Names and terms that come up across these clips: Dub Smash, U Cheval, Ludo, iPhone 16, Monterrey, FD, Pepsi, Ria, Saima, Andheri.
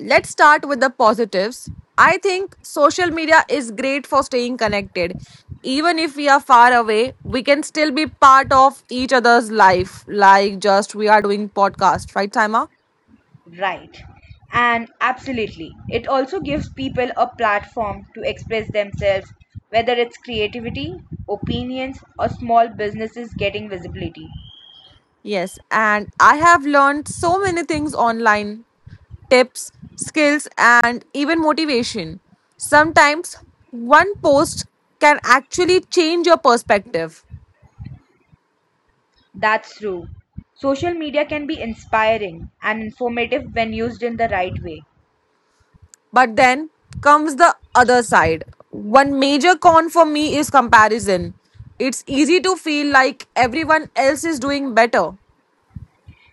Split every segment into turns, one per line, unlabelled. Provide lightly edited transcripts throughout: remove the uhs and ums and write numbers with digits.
Let's start with the positives. I think social media is great for staying connected. Even if we are far away, we can still be part of each other's life, like just we are doing podcast, right Saima?
Right. And absolutely, it also gives people a platform to express themselves, whether it's creativity, opinions, or small businesses getting visibility.
Yes, and I have learned so many things online, tips, skills, and even motivation. Sometimes one post can actually change your perspective,
That's true. Social media can be inspiring and informative when used in the right way.
but then comes the other side. One major con for me is comparison. It's easy to feel like everyone else is doing better.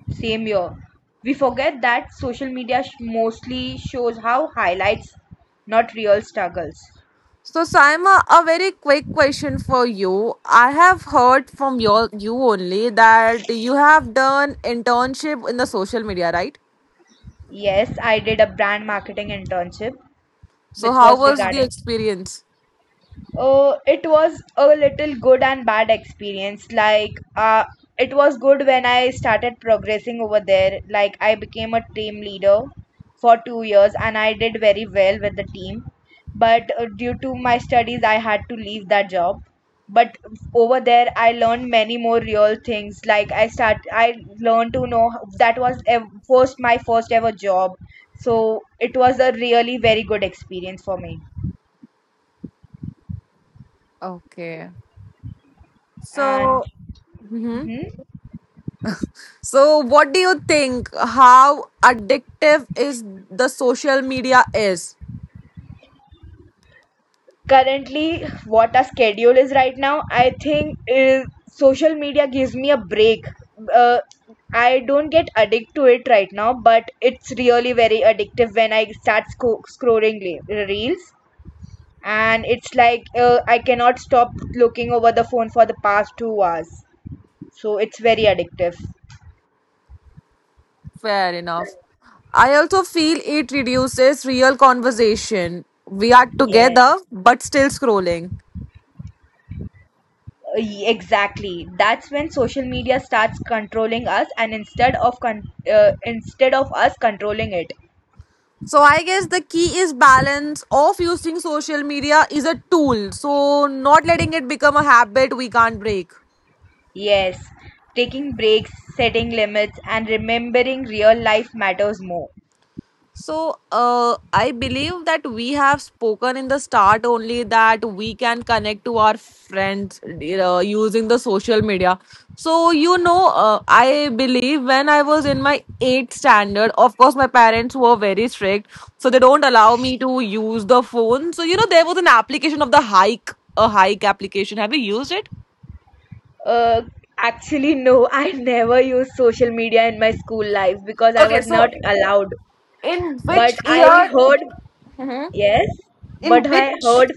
Same here. We forget that social media mostly shows how highlights, not real struggles.
So, Saima, a very quick question for you. I have heard from you only that you have done internship in the social media, right?
Yes, I did a brand marketing internship,
So,
which
how
was
was the
regarding
experience?
it was a little good and bad experience, like it was good when I started progressing over there. Like I became a team leader for 2 years and I did very well with the team, but due to my studies I had to leave that job. But over there I learned many more real things, like I learned to know that was first my first ever job, so it was a really very good experience for me.
Okay.
And
So, Mhm.
mhm.
So what do you think? How addictive is the social media is?
Currently, what our schedule is right now, I think, is social media gives me a break. uh, I don't get addicted to it right now, but it's really very addictive when I start scrolling reels. And it's like I cannot stop looking over the phone for the past 2 hours, so it's very addictive.
Fair enough. I also feel it reduces real conversation. We are
Yeah,
together, but still scrolling.
exactly. That's when social media starts controlling us, and instead of us controlling it.
So I guess the key is balance of using social media is a tool. So not letting it become a habit we can't break.
Yes, taking breaks, setting limits, and remembering real life matters more.
So, I believe that we have spoken in the start only that we can connect to our friends using the social media. So, I believe when I was in my eighth standard, of course, my parents were very strict, so they don't allow me to use the phone. So, there was an application of the hike, a hike application. Have you used it?
Uh, Actually, no, I never used social media in my school life because I
Okay,
was not
so
allowed.
in
But
which
I
year?
heard,
Mhm.
yes,
In
but I
which?
heard,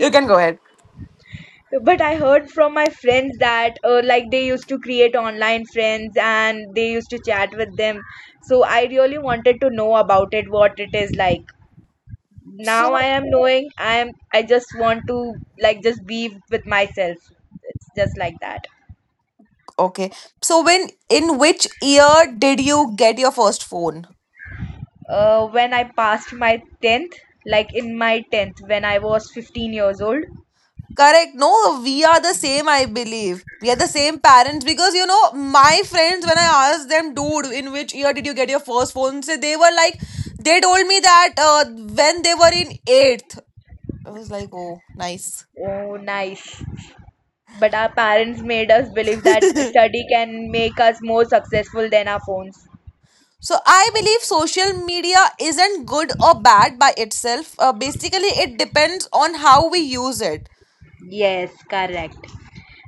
You can go ahead.
but I heard from my friends that like they used to create online friends and they used to chat with them. So I really wanted to know about it, what it is like. Now
So
I am knowing, I just want to, like, just be with myself. It's just like that.
okay. So when in which year did you get your first phone?
When I passed my 10th, like in my 10th, when I was 15 years old.
Correct. No, we are the same, I believe. We are the same parents, because you know, my friends, when I asked them, dude, in which year did you get your first phone? So they were like, they told me that when they were in eighth. I was like, oh, nice.
Oh, nice. But our parents made us believe that study can make us more successful than our phones.
So I believe social media isn't good or bad by itself. Basically, it depends on how we use it.
Yes, correct.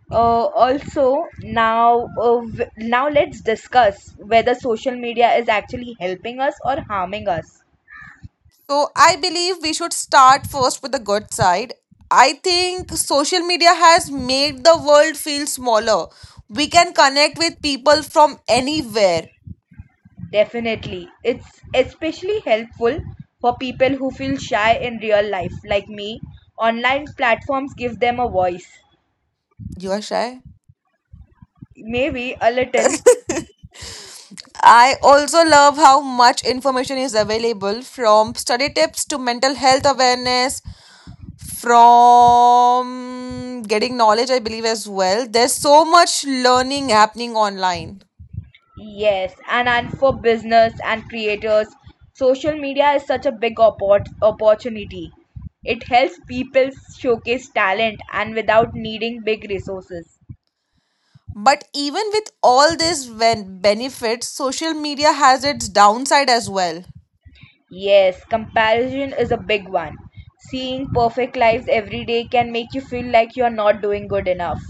Also, now now let's discuss whether social media is actually helping us or harming us.
So I believe we should start first with the good side. I think social media has made the world feel smaller. We can connect with people from anywhere.
Definitely. It's especially helpful for people who feel shy in real life, like me. Online platforms give them a voice.
You are shy?
Maybe a little.
I also love how much information is available, from study tips to mental health awareness, from getting knowledge, I believe, as well. There's so much learning happening online.
Yes, and for business and creators, social media is such a big opportunity. It helps people showcase talent and without needing big resources.
But even with all these benefits, social media has its downside as well.
Yes, comparison is a big one. Seeing perfect lives every day can make you feel like you're not doing good enough.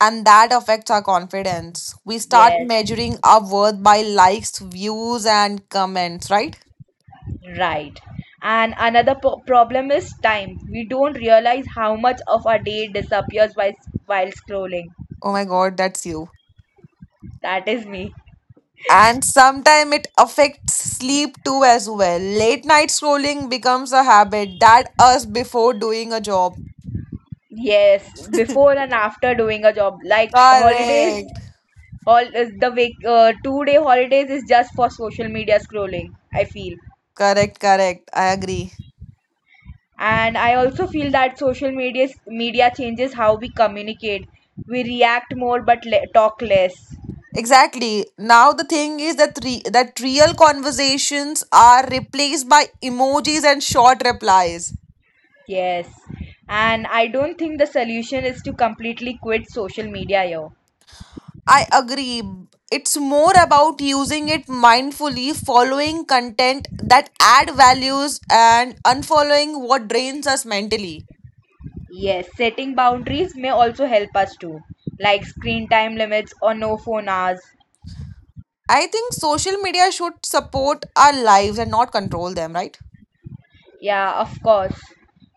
And that affects our confidence. We start
Yes,
measuring our worth by likes, views, and comments, right?
right. And another problem is time. We don't realize how much of our day disappears while scrolling.
Oh my god, that's you.
That is me.
And sometimes it affects sleep too as well. Late night scrolling becomes a habit that us before doing a job.
Yes, before and after doing a job, like holidays,
Correct.
all is the week, 2-day holidays is just for social media scrolling. I feel,
Correct, correct. I agree.
and I also feel that social media changes how we communicate. We react more, but talk less.
Exactly. Now the thing is that that real conversations are replaced by emojis and short replies.
Yes. And I don't think the solution is to completely quit social media, yo.
I agree. It's more about using it mindfully, following content that add values and unfollowing what drains us mentally.
Yes, setting boundaries may also help us too, like screen time limits or no phone hours.
I think social media should support our lives and not control them, right?
Yeah, of course.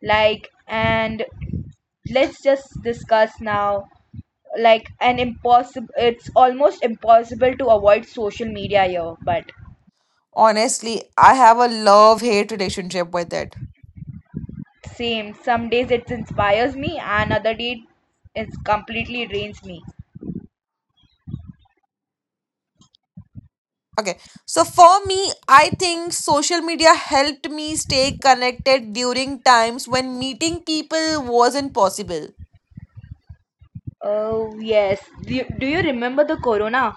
Like, and let's just discuss now. Like, it's almost impossible to avoid social media, yo. But
Honestly, I have a love hate relationship with it.
some days it inspires me, and other day it completely drains me.
Okay. So for me, I think social media helped me stay connected during times when meeting people wasn't possible.
Oh, yes. Do you remember the corona?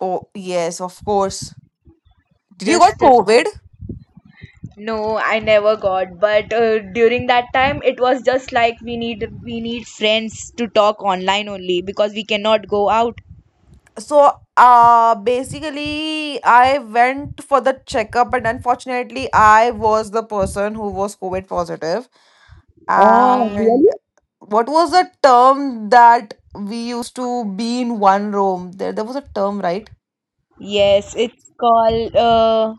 Oh, yes, of course. Did you got
Just
COVID?
no, I never got. But during that time, it was just like we need friends to talk online only because we cannot go out.
So, basically, I went for the checkup, and unfortunately, I was the person who was COVID positive.
Oh,
And
really?
what was the term that we used to be in one room? There was a term, right?
Yes, it's called,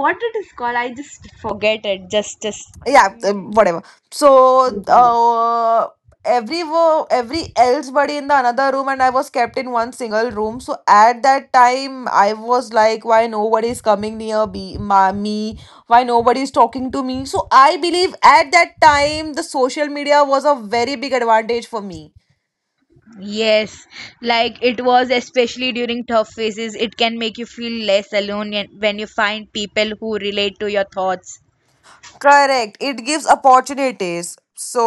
what it is called? I just forget it. Just
Yeah. Whatever, so every else buddy in the another room and I was kept in one single room. So at that time I was like, why nobody is coming near be ma me, why nobody is talking to me? So I believe at that time the social media was a very big advantage for me.
yes, like it was especially during tough phases. It can make you feel less alone when you find people who relate to your thoughts.
Correct. It gives opportunities. So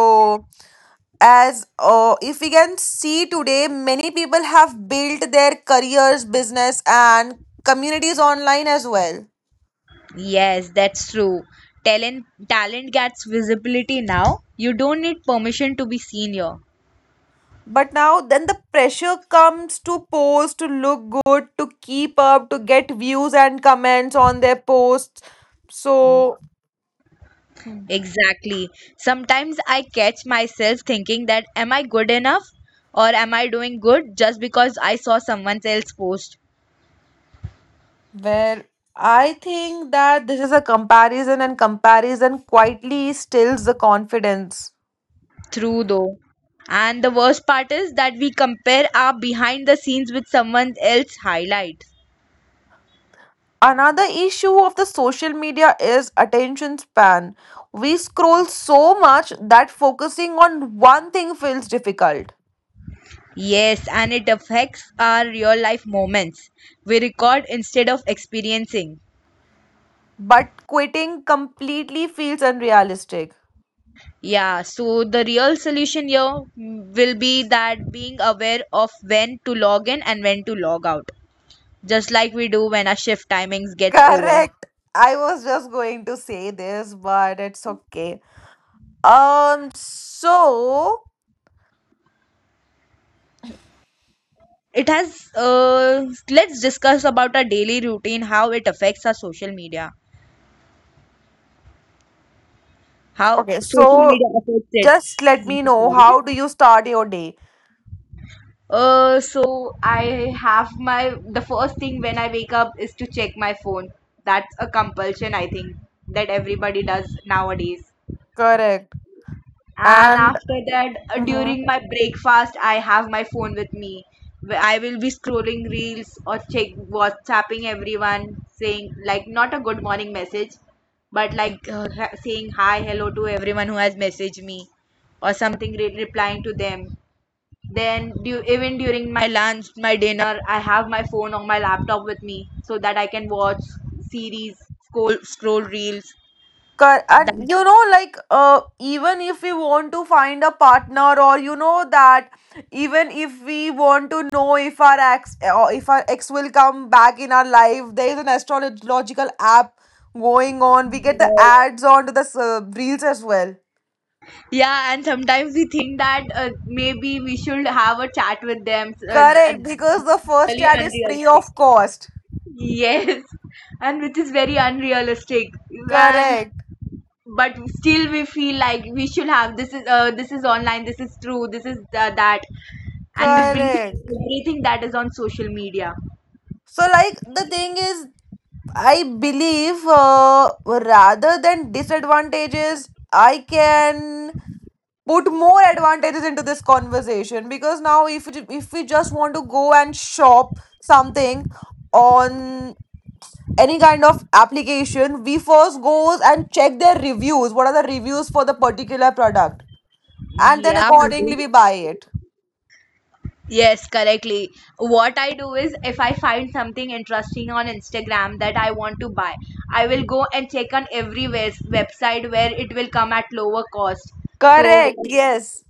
as if we can see today, many people have built their careers, business and communities online as well.
Yes, that's true. Talent gets visibility now. You don't need permission to be seen here.
But now then the pressure comes to post, to look good, to keep up, to get views and comments on their posts.
Mm.
So
Exactly. Sometimes I catch myself thinking that am I good enough or am I doing good just because I saw someone else post.
well, I think that this is a comparison and comparison quietly stills the confidence.
True though. And the worst part is that we compare our behind the scenes with someone else's highlights.
Another issue of the social media is attention span. We scroll so much that focusing on one thing feels difficult,
Yes, and it affects our real life moments. We record instead of experiencing.
but quitting completely feels unrealistic.
Yeah, so the real solution here will be that being aware of when to log in and when to log out, just like we do when our shift timings gets over.
Correct. I was just going to say this, but it's okay. Um, so,
It has Let's discuss about our daily routine, how it affects our social media, how
okay,
social
so
media affects it.
just let
I'm
me
so
know,
sorry.
how do you start your day?
So I have my the first thing when I wake up is to check my phone. That's a compulsion I think that everybody does nowadays.
Correct.
And
And
after that, during my breakfast, I have my phone with me. I will be scrolling reels or check WhatsApping everyone, saying like not a good morning message, but like saying hi, hello to everyone who has messaged me, or something replying to them. Then even during my lunch, my dinner, I have my phone or my laptop with me so that I can watch series, scroll reels. That
You know, like even if we want to find a partner, or you know that even if we want to know if our ex or if our ex will come back in our life, there is an astrological app going on. We get the ads onto the reels as well,
Yeah, and sometimes we think that maybe we should have a chat with them.
correct? Because the first
Really
ad is free
unrealistic.
of cost.
Yes, and which is very unrealistic. And
Correct,
but still, we feel like we should have this is online, this is true, this is that, and we believe
correct.
everything that is on social media.
So like the thing is I believe rather than disadvantages, I can put more advantages into this conversation. Because now if you, if we just want to go and shop something on any kind of application, we first goes and check their reviews, what are the reviews for the particular product, and then
Yeah,
accordingly we buy it,
yes, correctly. What I do is if I find something interesting on Instagram that I want to buy, I will go and check on every website where it will come at lower cost. So
correct? Yes.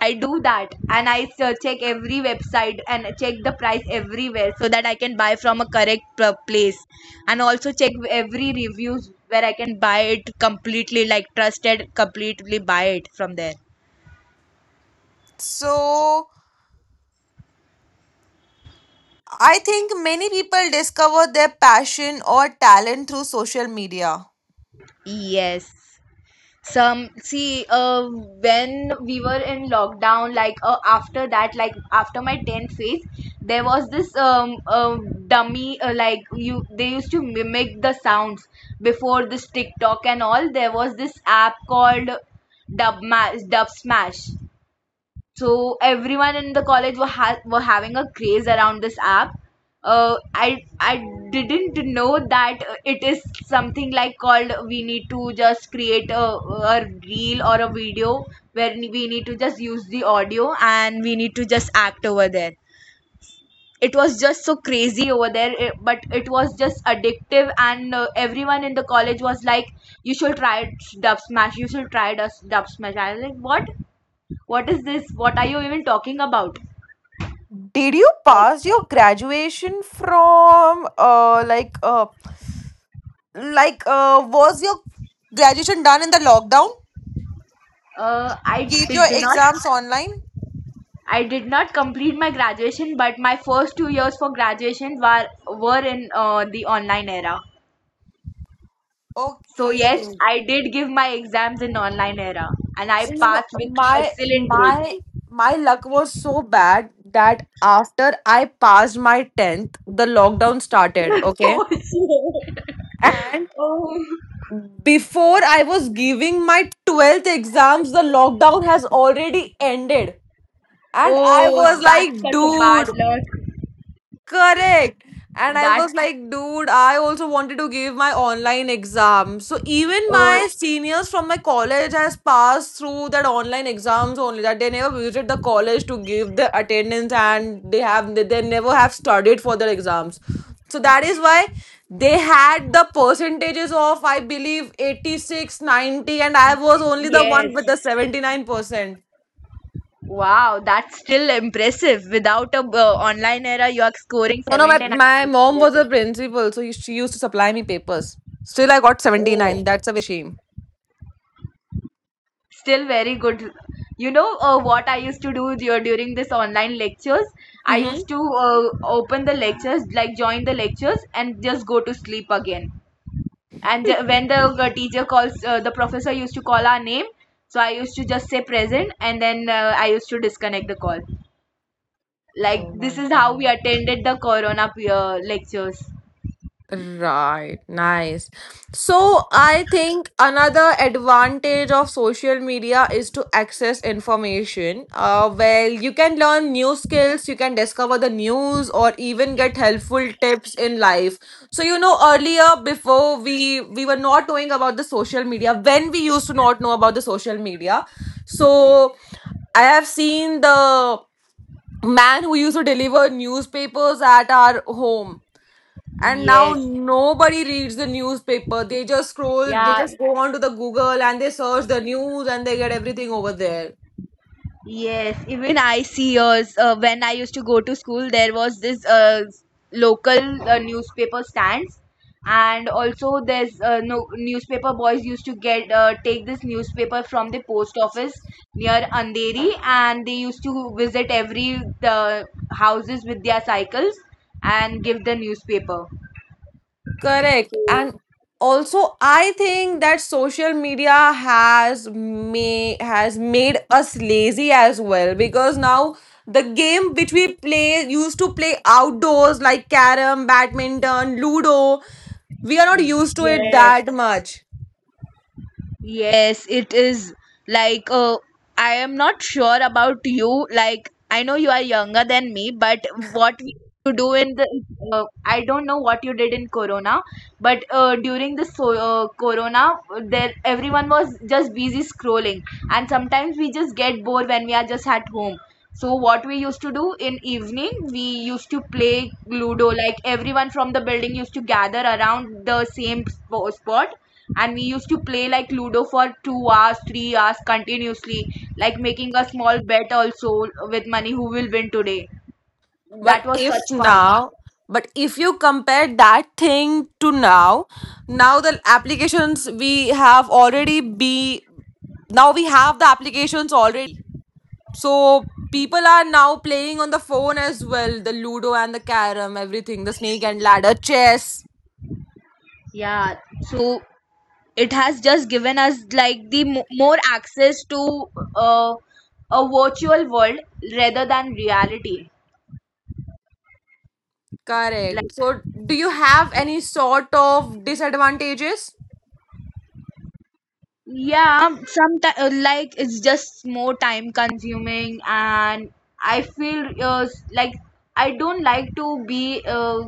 I do that and check every website and check the price everywhere so that I can buy from a correct place, and also check every reviews where I can buy it completely, like trusted completely buy it from there.
So I think many people discover their passion or talent through social media.
Yes. some see When we were in lockdown, like after that, like after my 10th phase, there was this dummy, like you they used to mimic the sounds. Before this TikTok and all, there was this app called Dub, Dub Smash. So everyone in the college were having a craze around this app. I didn't know that it is something like called we need to just create a reel or a video where we need to just use the audio and we need to just act over there. It was just so crazy over there, eh, but it was just addictive, and everyone in the college was like, "You should try Dub Smash. You should try Dub Smash." I was like, "What? What is this? What are you even talking about?"
Did you
Like,
pass your graduation from was your graduation done in the lockdown?
uh, i
Give your
did, do not
exams online?
I did not complete my graduation, but my first 2 years for graduation were in the online era. So yes,
Okay.
I did give my exams in online era, and I
So, you know,
passed with
my
excellent grades.
my my luck was so bad that after I passed my 10th, the lockdown started, okay?
Oh, shit.
And
oh,
before I was giving my 12th exams, the lockdown has already ended. And I
oh
was
that's
like,
such a bad
dude.
luck
Correct. And I
that.
was like, dude, I also wanted to give my online exam. So even
Oh,
my seniors from my college has passed through that online exams only. That they never visited the college to give the attendance, and they never have studied for their exams. So that is why they had the percentages of I believe 86, 90, and I was only the
yes.
one with the 79%.
Wow, that's still impressive. Without a online era, you are scoring
No, no, my
17.
my mom was a
Impressive.
principal, so she used to supply me papers. Still, I got 79.
Oh,
That's a very shame.
still very good. You know what I used to do during this online lectures? I
Mm-hmm.
used to open the lectures, like join the lectures, and just go to sleep again. And when the teacher calls, the professor used to call our name. So I used to just say present, and then I used to disconnect the call. Like
Oh
this
my
is how we
god.
attended the Corona lectures.
Right, nice. So I think another advantage of social media is to access information. You can learn new skills, you can discover the news, or even get helpful tips in life. So you know, earlier before we were not knowing about the social media, when we used to not know about the social media. So I have seen the man who used to deliver newspapers at our home, and now
Yes.
nobody reads the newspaper, they just scroll, they
Yeah,
just go on to the Google and they search the news and they get everything over there.
yes. Even I see yours. When I used to go to school, there was this local newspaper stands, and also there's no newspaper boys used to get take this newspaper from the post office near Andheri, and they used to visit every the houses with their cycles and give the newspaper.
Correct. And also I think that social media has made us lazy as well, because now the game which we play used to play outdoors, like carom, badminton, ludo, we are not used to it that
Yes.
much.
Yes, it is like I am not sure about you. Like I know you are younger than me, but what we used to do in the I don't know what you did in Corona, but during the Corona, there everyone was just busy scrolling, and sometimes we just get bored when we are just at home. So what we used to do in evening, we used to play Ludo. Like everyone from the building used to gather around the same spot, and we used to play like Ludo for 2 hours, 3 hours continuously. Like making a small bet also with money who will win today. That
But
was
if
such fun.
now, but if you compare that thing to now, now the applications we have already be now we have the applications already. So people are now playing on the phone as well, the Ludo and the carom, everything, the snake and ladder, chess.
Yeah. So it has just given us like the more access to uh, a virtual world rather than reality. Like,
Correct. So do you have any sort of disadvantages?
yeah, sometimes like it's just more time consuming, and I feel like I don't like to be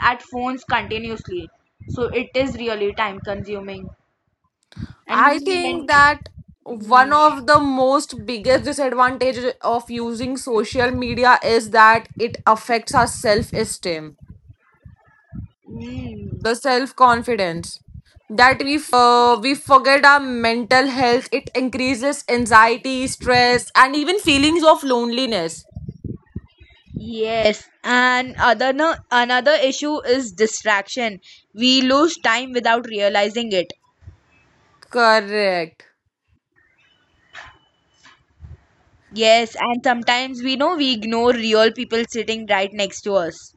at phones continuously. So it is really time consuming. And you
I
know
think
when
that one
Mm,
of the most biggest disadvantage of using social media is that it affects our self esteem,
mm,
the self confidence. That we forget our mental health. It increases anxiety, stress, and even feelings of loneliness.
yes, and other no, another issue is distraction. We lose time without realizing it.
Correct.
Yes, and sometimes we know we ignore real people sitting right next to us.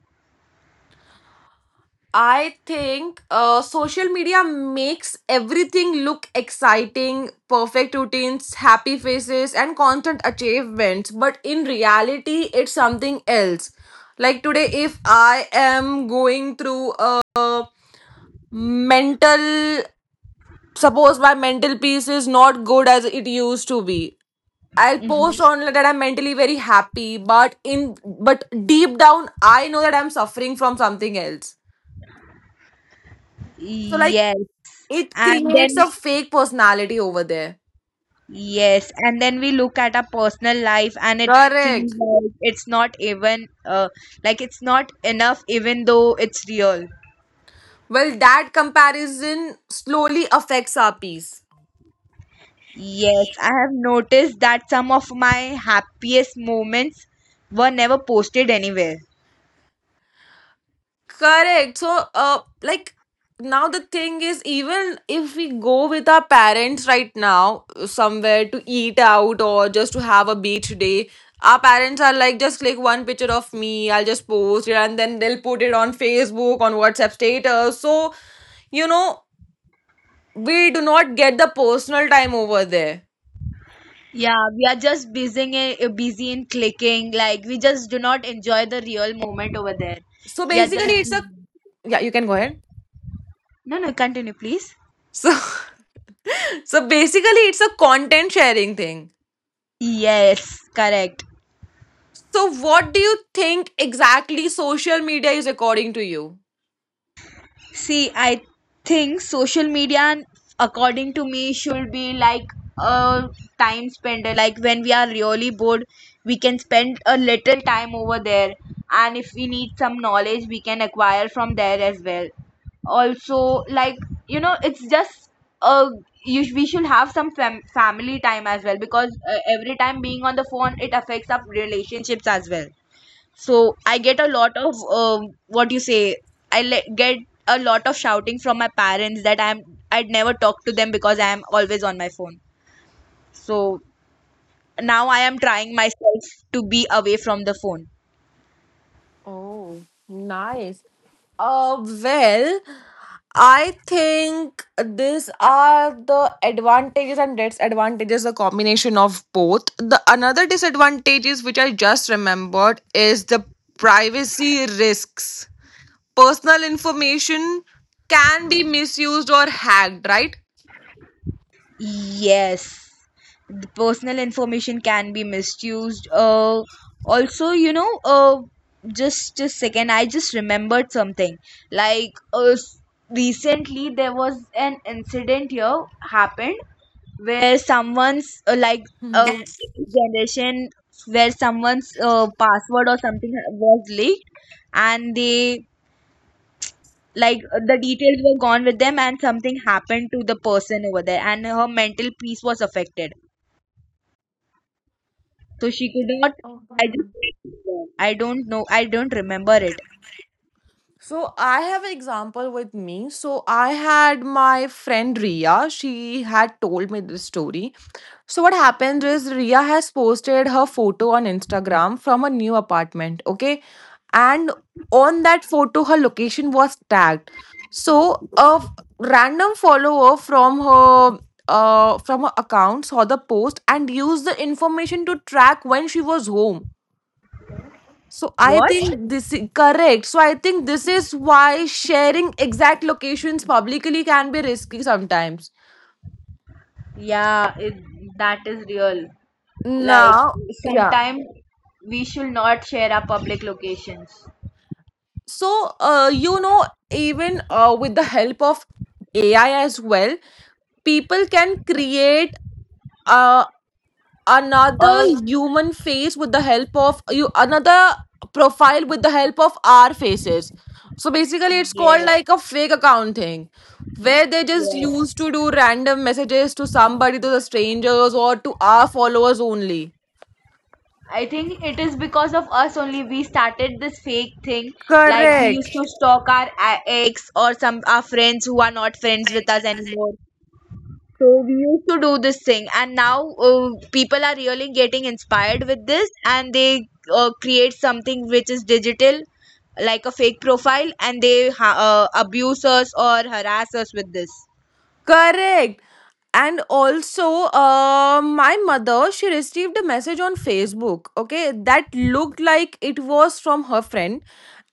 I think social media makes everything look exciting, perfect routines, happy faces, and constant achievements. But in reality, it's something else. Like today, if I am going through a mental, suppose my mental peace is not good as it used to be. I'll post
Mm-hmm.
on that I'm mentally very happy, but in, but deep down, I know that I'm suffering from something else. So like,
Yes,
it
and
creates
then
a fake personality over there.
yes, and then we look at our personal life and it
Correct.
feels like it's not even like it's not enough even though it's real.
Well, that comparison slowly affects our peace.
Yes, I have noticed that some of my happiest moments were never posted anywhere.
Correct. So, like now the thing is, even if we go with our parents right now somewhere to eat out or just to have a beach day, our parents are like, just click one picture of me, I'll just post it, and then they'll put it on Facebook, on WhatsApp status. So, you know, we do not get the personal time over there.
Yeah, we are just busy in clicking. Like we just do not enjoy the real moment over there.
So
We are just
basically, it's a, yeah, you can go ahead.
no, continue please.
So, so basically, it's a content sharing thing.
Yes, correct.
So, what do you think exactly social media is according to you?
See, I think social media, according to me, should be like a time spender. Like when we are really bored, we can spend a little time over there. And if we need some knowledge, we can acquire from there as well. Also, it's just a we should have some family time as well because every time being on the phone, it affects our relationships as well. So I get a lot of what you say. I get a lot of shouting from my parents that I'd never talk to them because I am always on my phone. So now I am trying myself to be away from the phone.
Oh, nice. Uh, well, I think these are the advantages and disadvantages, a combination of both. The another disadvantages which I just remembered is the privacy risks. Personal information can be misused or hacked, right?
Yes, the personal information can be misused. Also, just a second, I just remembered something. Like, recently there was an incident here happened where someone's like
Hmm.
a generation where someone's password or something was leaked and they like the details were gone with them and something happened to the person over there and her mental peace was affected so she could not
Oh,
i
wow.
just I don't know, I don't remember it
So I have an example with me. So I had my friend Ria. She had told me this story. So what happened is Ria has posted her photo on Instagram from a new apartment. Okay, and on that photo, her location was tagged. So a random follower from her from her account saw the post and used the information to track when she was home. So I
what.
think this is correct. So I think this is why sharing exact locations publicly can be risky sometimes.
Yeah, it, that is real. Like
Now, yeah.
sometimes we should not share our public locations.
So you know, even with the help of AI as well, people can create uh, another
Oh
human face with the help of you another profile with the help of our faces. So basically it's called
yes,
like a fake account thing, where they just
yes,
used to do random messages to somebody, to the strangers or to our followers only.
I think it is because of us only we started this fake thing. Like we used
Correct,
to stalk our ex or some our friends who are not friends with us anymore. So we used to do this thing, and now people are really getting inspired with this, and they create something which is digital, like a fake profile, and they abuse us or harass us with this.
correct. And also my mother, she received a message on Facebook, okay, that looked like it was from her friend,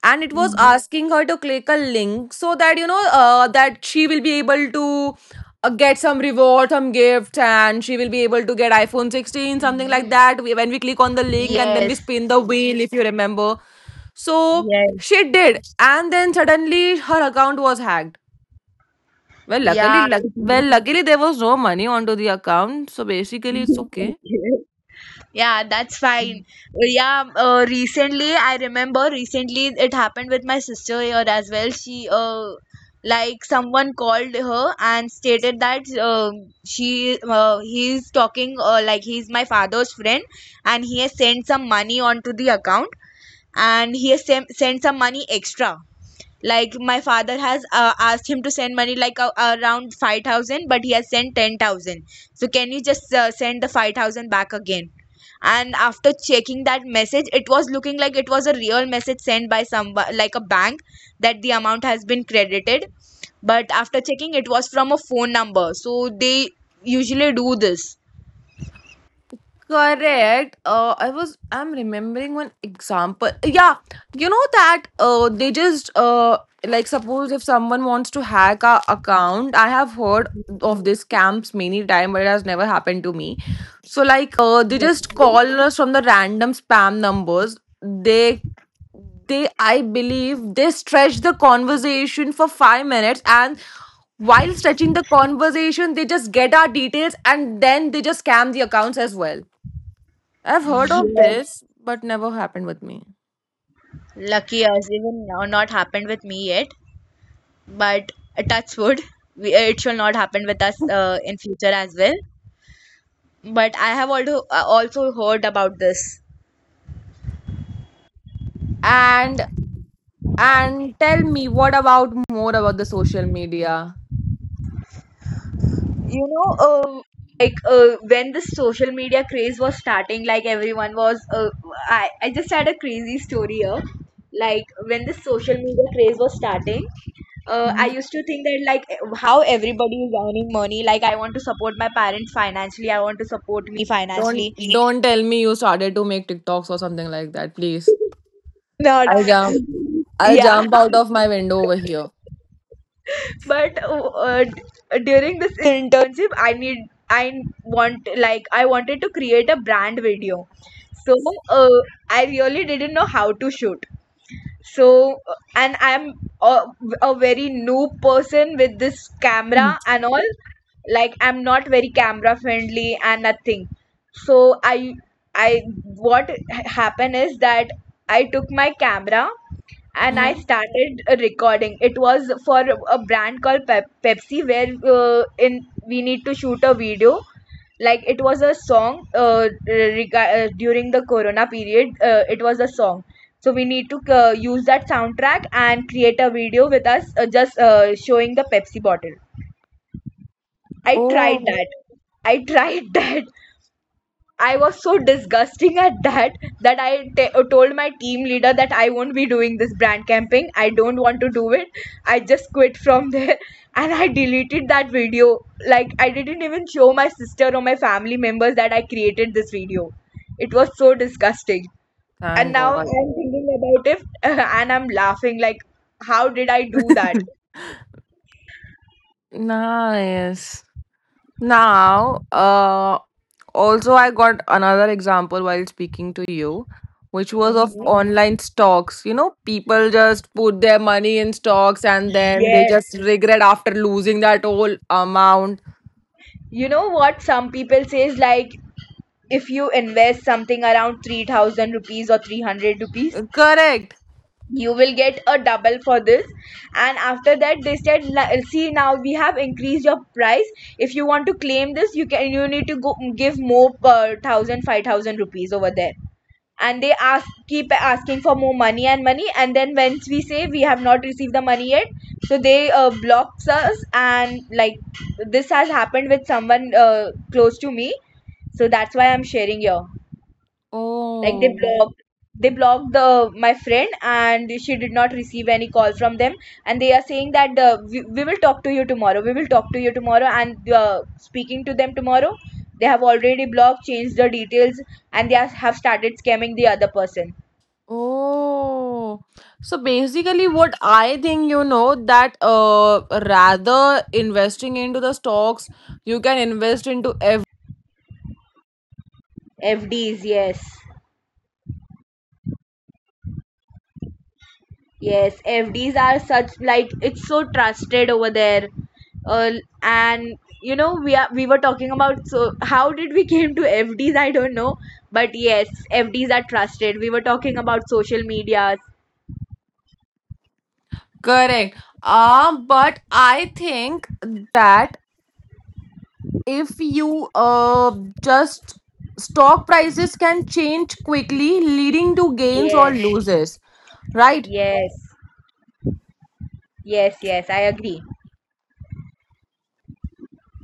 and it was
Hmm,
asking her to click a link so that you know that she will be able to get some reward, some gift, and she will be able to get iPhone 16, something like
hmm.
that. We- when we click on the link and then we
Yes.
spin the wheel, if you remember, so
Yes.
she did, and then suddenly her account was hacked. Well, luckily,
Yeah.
luckily there was no money onto the account, so basically it's okay.
Okay. Yeah, that's fine. Yeah, recently I remember recently it happened with my sister here as well. She like someone called her and stated that she he's talking like he's my father's friend and he has sent some money onto the account and he has sent some money extra like my father has asked him to send money like around 5,000, but he has sent 10,000, so can you just send the 5,000 back again? And after checking that message, it was looking like it was a real message sent by some like a bank that the amount has been credited, but after checking it was from a phone number, so they usually do this.
Correct. I was. I'm remembering one example. Yeah, you know that. They just like, suppose if someone wants to hack our account. I have heard of these scams many time, but it has never happened to me. So like, they
Lucky.
just call us from the random spam numbers. They I believe they stretch the conversation for 5 minutes, and while stretching the conversation they just get our details and then they just scam the accounts as well. I've heard of
Yes,
this, but never happened with me.
lucky us, even now not happened with me yet, but touch wood it shall not happen with us in future as well, but I have also also heard about this.
And and tell me what about more about the social media?
you know uh, when the social media craze was starting, like everyone was I just had a crazy story here like when the social media craze was starting I
Mhm.
used to think that like how everybody is earning money, like I want to support my parents financially, I want to support me financially.
Don't tell me you started to make TikToks or something like that, please.
Not
I'll jump I'll
yeah,
jump out of my window over here.
but during this internship I want, like I wanted to create a brand video, so uh, I really didn't know how to shoot, so and I'm a, a very noob person with this camera and all, like I'm not very camera friendly and nothing, so I what happened is that I took my camera and I
Mhm.
started recording. It was for a brand called Pepsi, where in we need to shoot a video. Like it was a song during the Corona period. It was a song, so we need to use that soundtrack and create a video with us just showing the Pepsi bottle. I tried
Oh,
that. I tried that. I was so disgusting at that that I told my team leader that I won't be doing this brand camping. I don't want to do it. I just quit from there and I deleted that video. Like, I didn't even show my sister or my family members that I created this video. It was so disgusting, and
thank
now I'm
God.
thinking about it and I'm laughing like, how did I do that?
Nice. Now, also, I got another example while speaking to you, which was of
Hmm.
Mhm. online stocks. You know, people just put their money in stocks and then they
Yes.
just regret after losing that whole amount.
You know what some people say is like if you invest something around 3,000 rupees or 300 rupees,
Correct.
you will get a double for this. And after that, they said, see, now we have increased your price. If you want to claim this, you can you need to go give more per thousand, 5,000 rupees over there." And they ask keep asking for more money and money, and then once we say we have not received the money yet, so they blocks us, and like this has happened with someone close to me, so that's why I'm sharing here. Like they
Oh,
blocked the my friend and she did not receive any call from them, and they are saying that we will talk to you tomorrow, we will talk to you tomorrow, and speaking to them tomorrow, they have already blocked, changed the details, and they are, have started scamming the other person.
oh. So basically, what I think, you know, that rather investing into the stocks, you can invest into
FDs, yes. Yes, FDs are such like it's so trusted over there. Uh, and you know we were talking about so how did we came to FDs, I don't know, but yes, FDs are trusted. We were talking about social medias.
correct. But I think that if you just stock prices can change quickly, leading to gains or
Yes,
losses, right?
yes, yes, yes, I agree.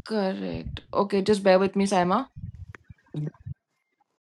Correct. Okay, just bear with me, Saima.